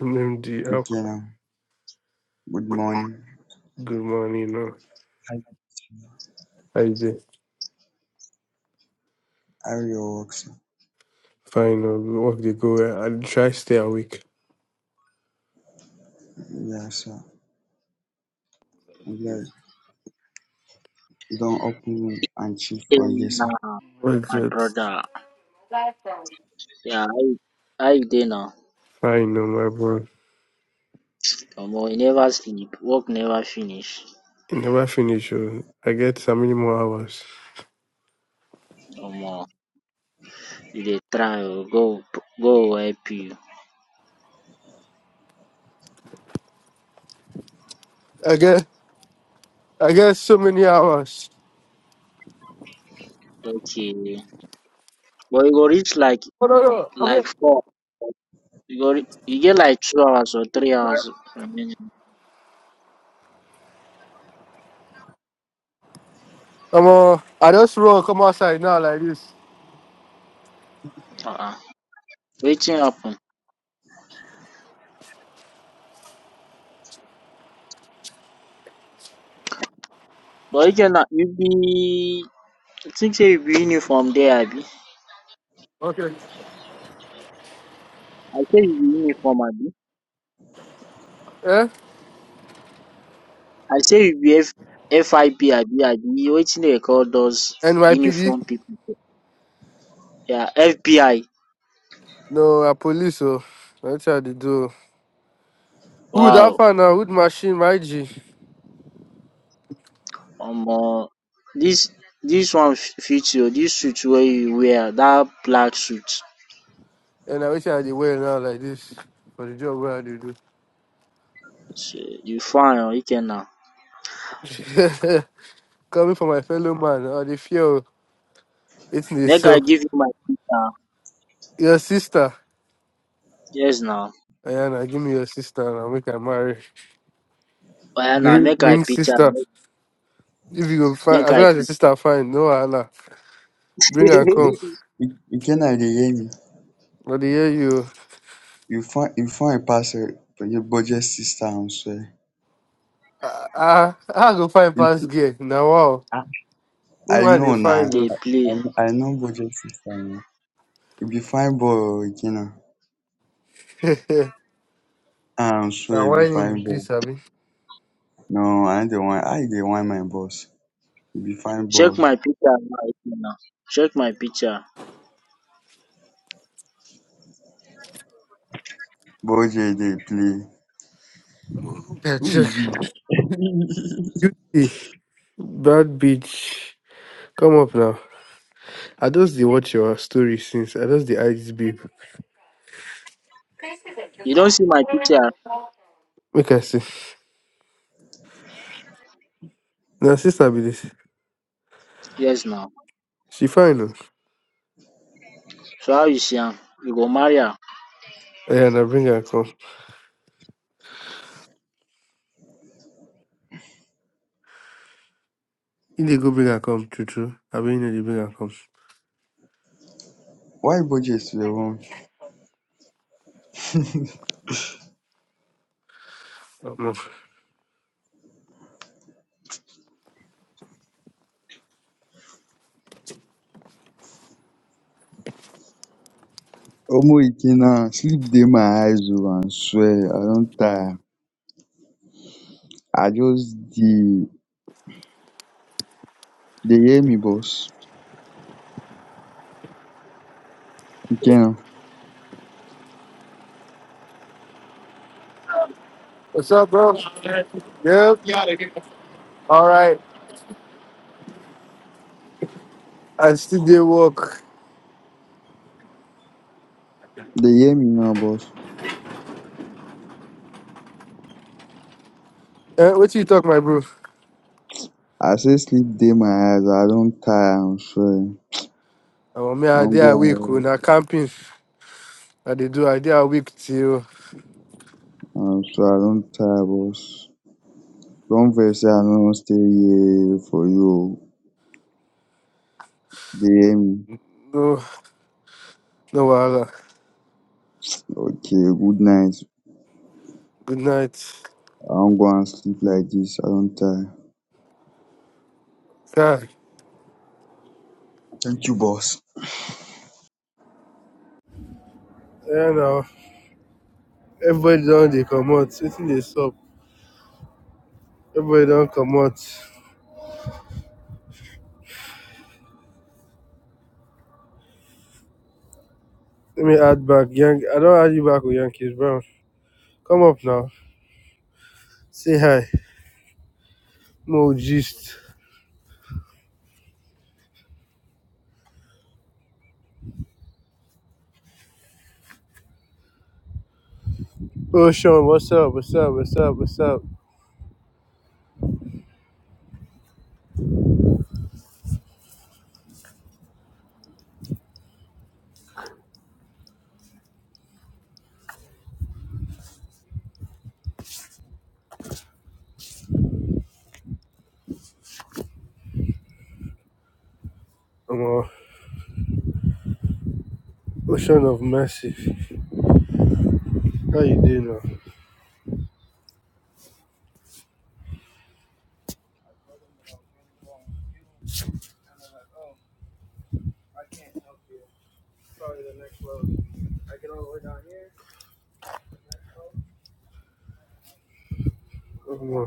MD up. Okay now. Good morning. Good morning. No. Hi. I just How are your works? fine. No. Work the go. I try stay awake. Yeah, sir. I'm glad you don't open room and chill for here, sir. Now, Work my just brother, yeah, how you dey now? fine. No, my bro. Omo, you never sleep, work never finish. I never finish. Oh. I get so many more hours. Omo, you dey try oh, go go help you. I get I get so many hours. Okay, but you go reach like Oh, no, no. like Okay. four. You go re- you get like two hours or three hours remaining. Come on. I just roll. Come outside now like this. Uh-uh. Wetin happen? But you get na you be I think say you be uniform there, abi? Okay. I say you be uniform, abi? Eh? I say you be F FIP, abi? Abi wetin dey call those NYPD. uniform people? Yeah, FBI. No, I police. Oh. That's how they do. Who that Wow. fan now? Who machine? My G. Omo. This this one f- fit you. This suit where you wear, that black suit. And I wish I had the wear now like this for the job where I do. So, you fine oh, now. do. Coming from my fellow man, or the fear it's me. Make I So give you my picture. your sister, Yes now. Ayana, give me your sister and I'll make her marry. Oya now Bring, make I bring picture. sister. Make, If you go find make as long I as your sister fine, no Allah. Bring her picture. You come. you- you can I dey hear me. But the hear you You find you find a parcel for your budget sister and swear. ah ah I, go find You- past gear. Now wow. I I Woman they know find now. Dey us. I play. I know budget sister now. If you find boy again now, I'm sure Now you be why in fine with boy. this, Abby? No, I don't want I dey want my boss. You be fine Check boy. my picture now, Ikenna. Check my picture. Budget they play. Yeah, Who is check. this? Beauty, bad bitch. Come up now. I just did watch your story since. I just did I this babe. You don't see my picture? Make I see. Now sister be this. Yes now. She fine though. So how you see am? You go marry am? Yeah, I bring her come. You dey go bring her come, true true. I mean, you dey bring her come. Why budget to the one? Omo. Omo Ikenna, sleep dey my eyes oo, I swear I don tire. I just dey, you dey hear me boss? Ikenna, What's up, bro? Yeah, all right. I still dey work. you dey hear me now boss? Eh, what you talk, my bro? I say sleep dey my eyes, I don tire I swear. Oh, me, I I wan dey go awake. oh, Na camping. I dey do. I dey awake till and rest, I swear I don tire boss. Don vex sey I no wan stay here for you oo, dey hear me? no, no wahala. Okay, good night. Good night. I wan go and sleep like dis, I don tire. God. Thank you boss. Yeah, now everybody don dey comot. Wetin dey sup? Everybody don comot. Let me add back. Yank, I don't add you back with Yankees, bro. Come up now. Say hi. Mo just Ocean, what's up? What's up? What's up? What's up? I'm on Ocean of Massive. How you doing now? I'm on.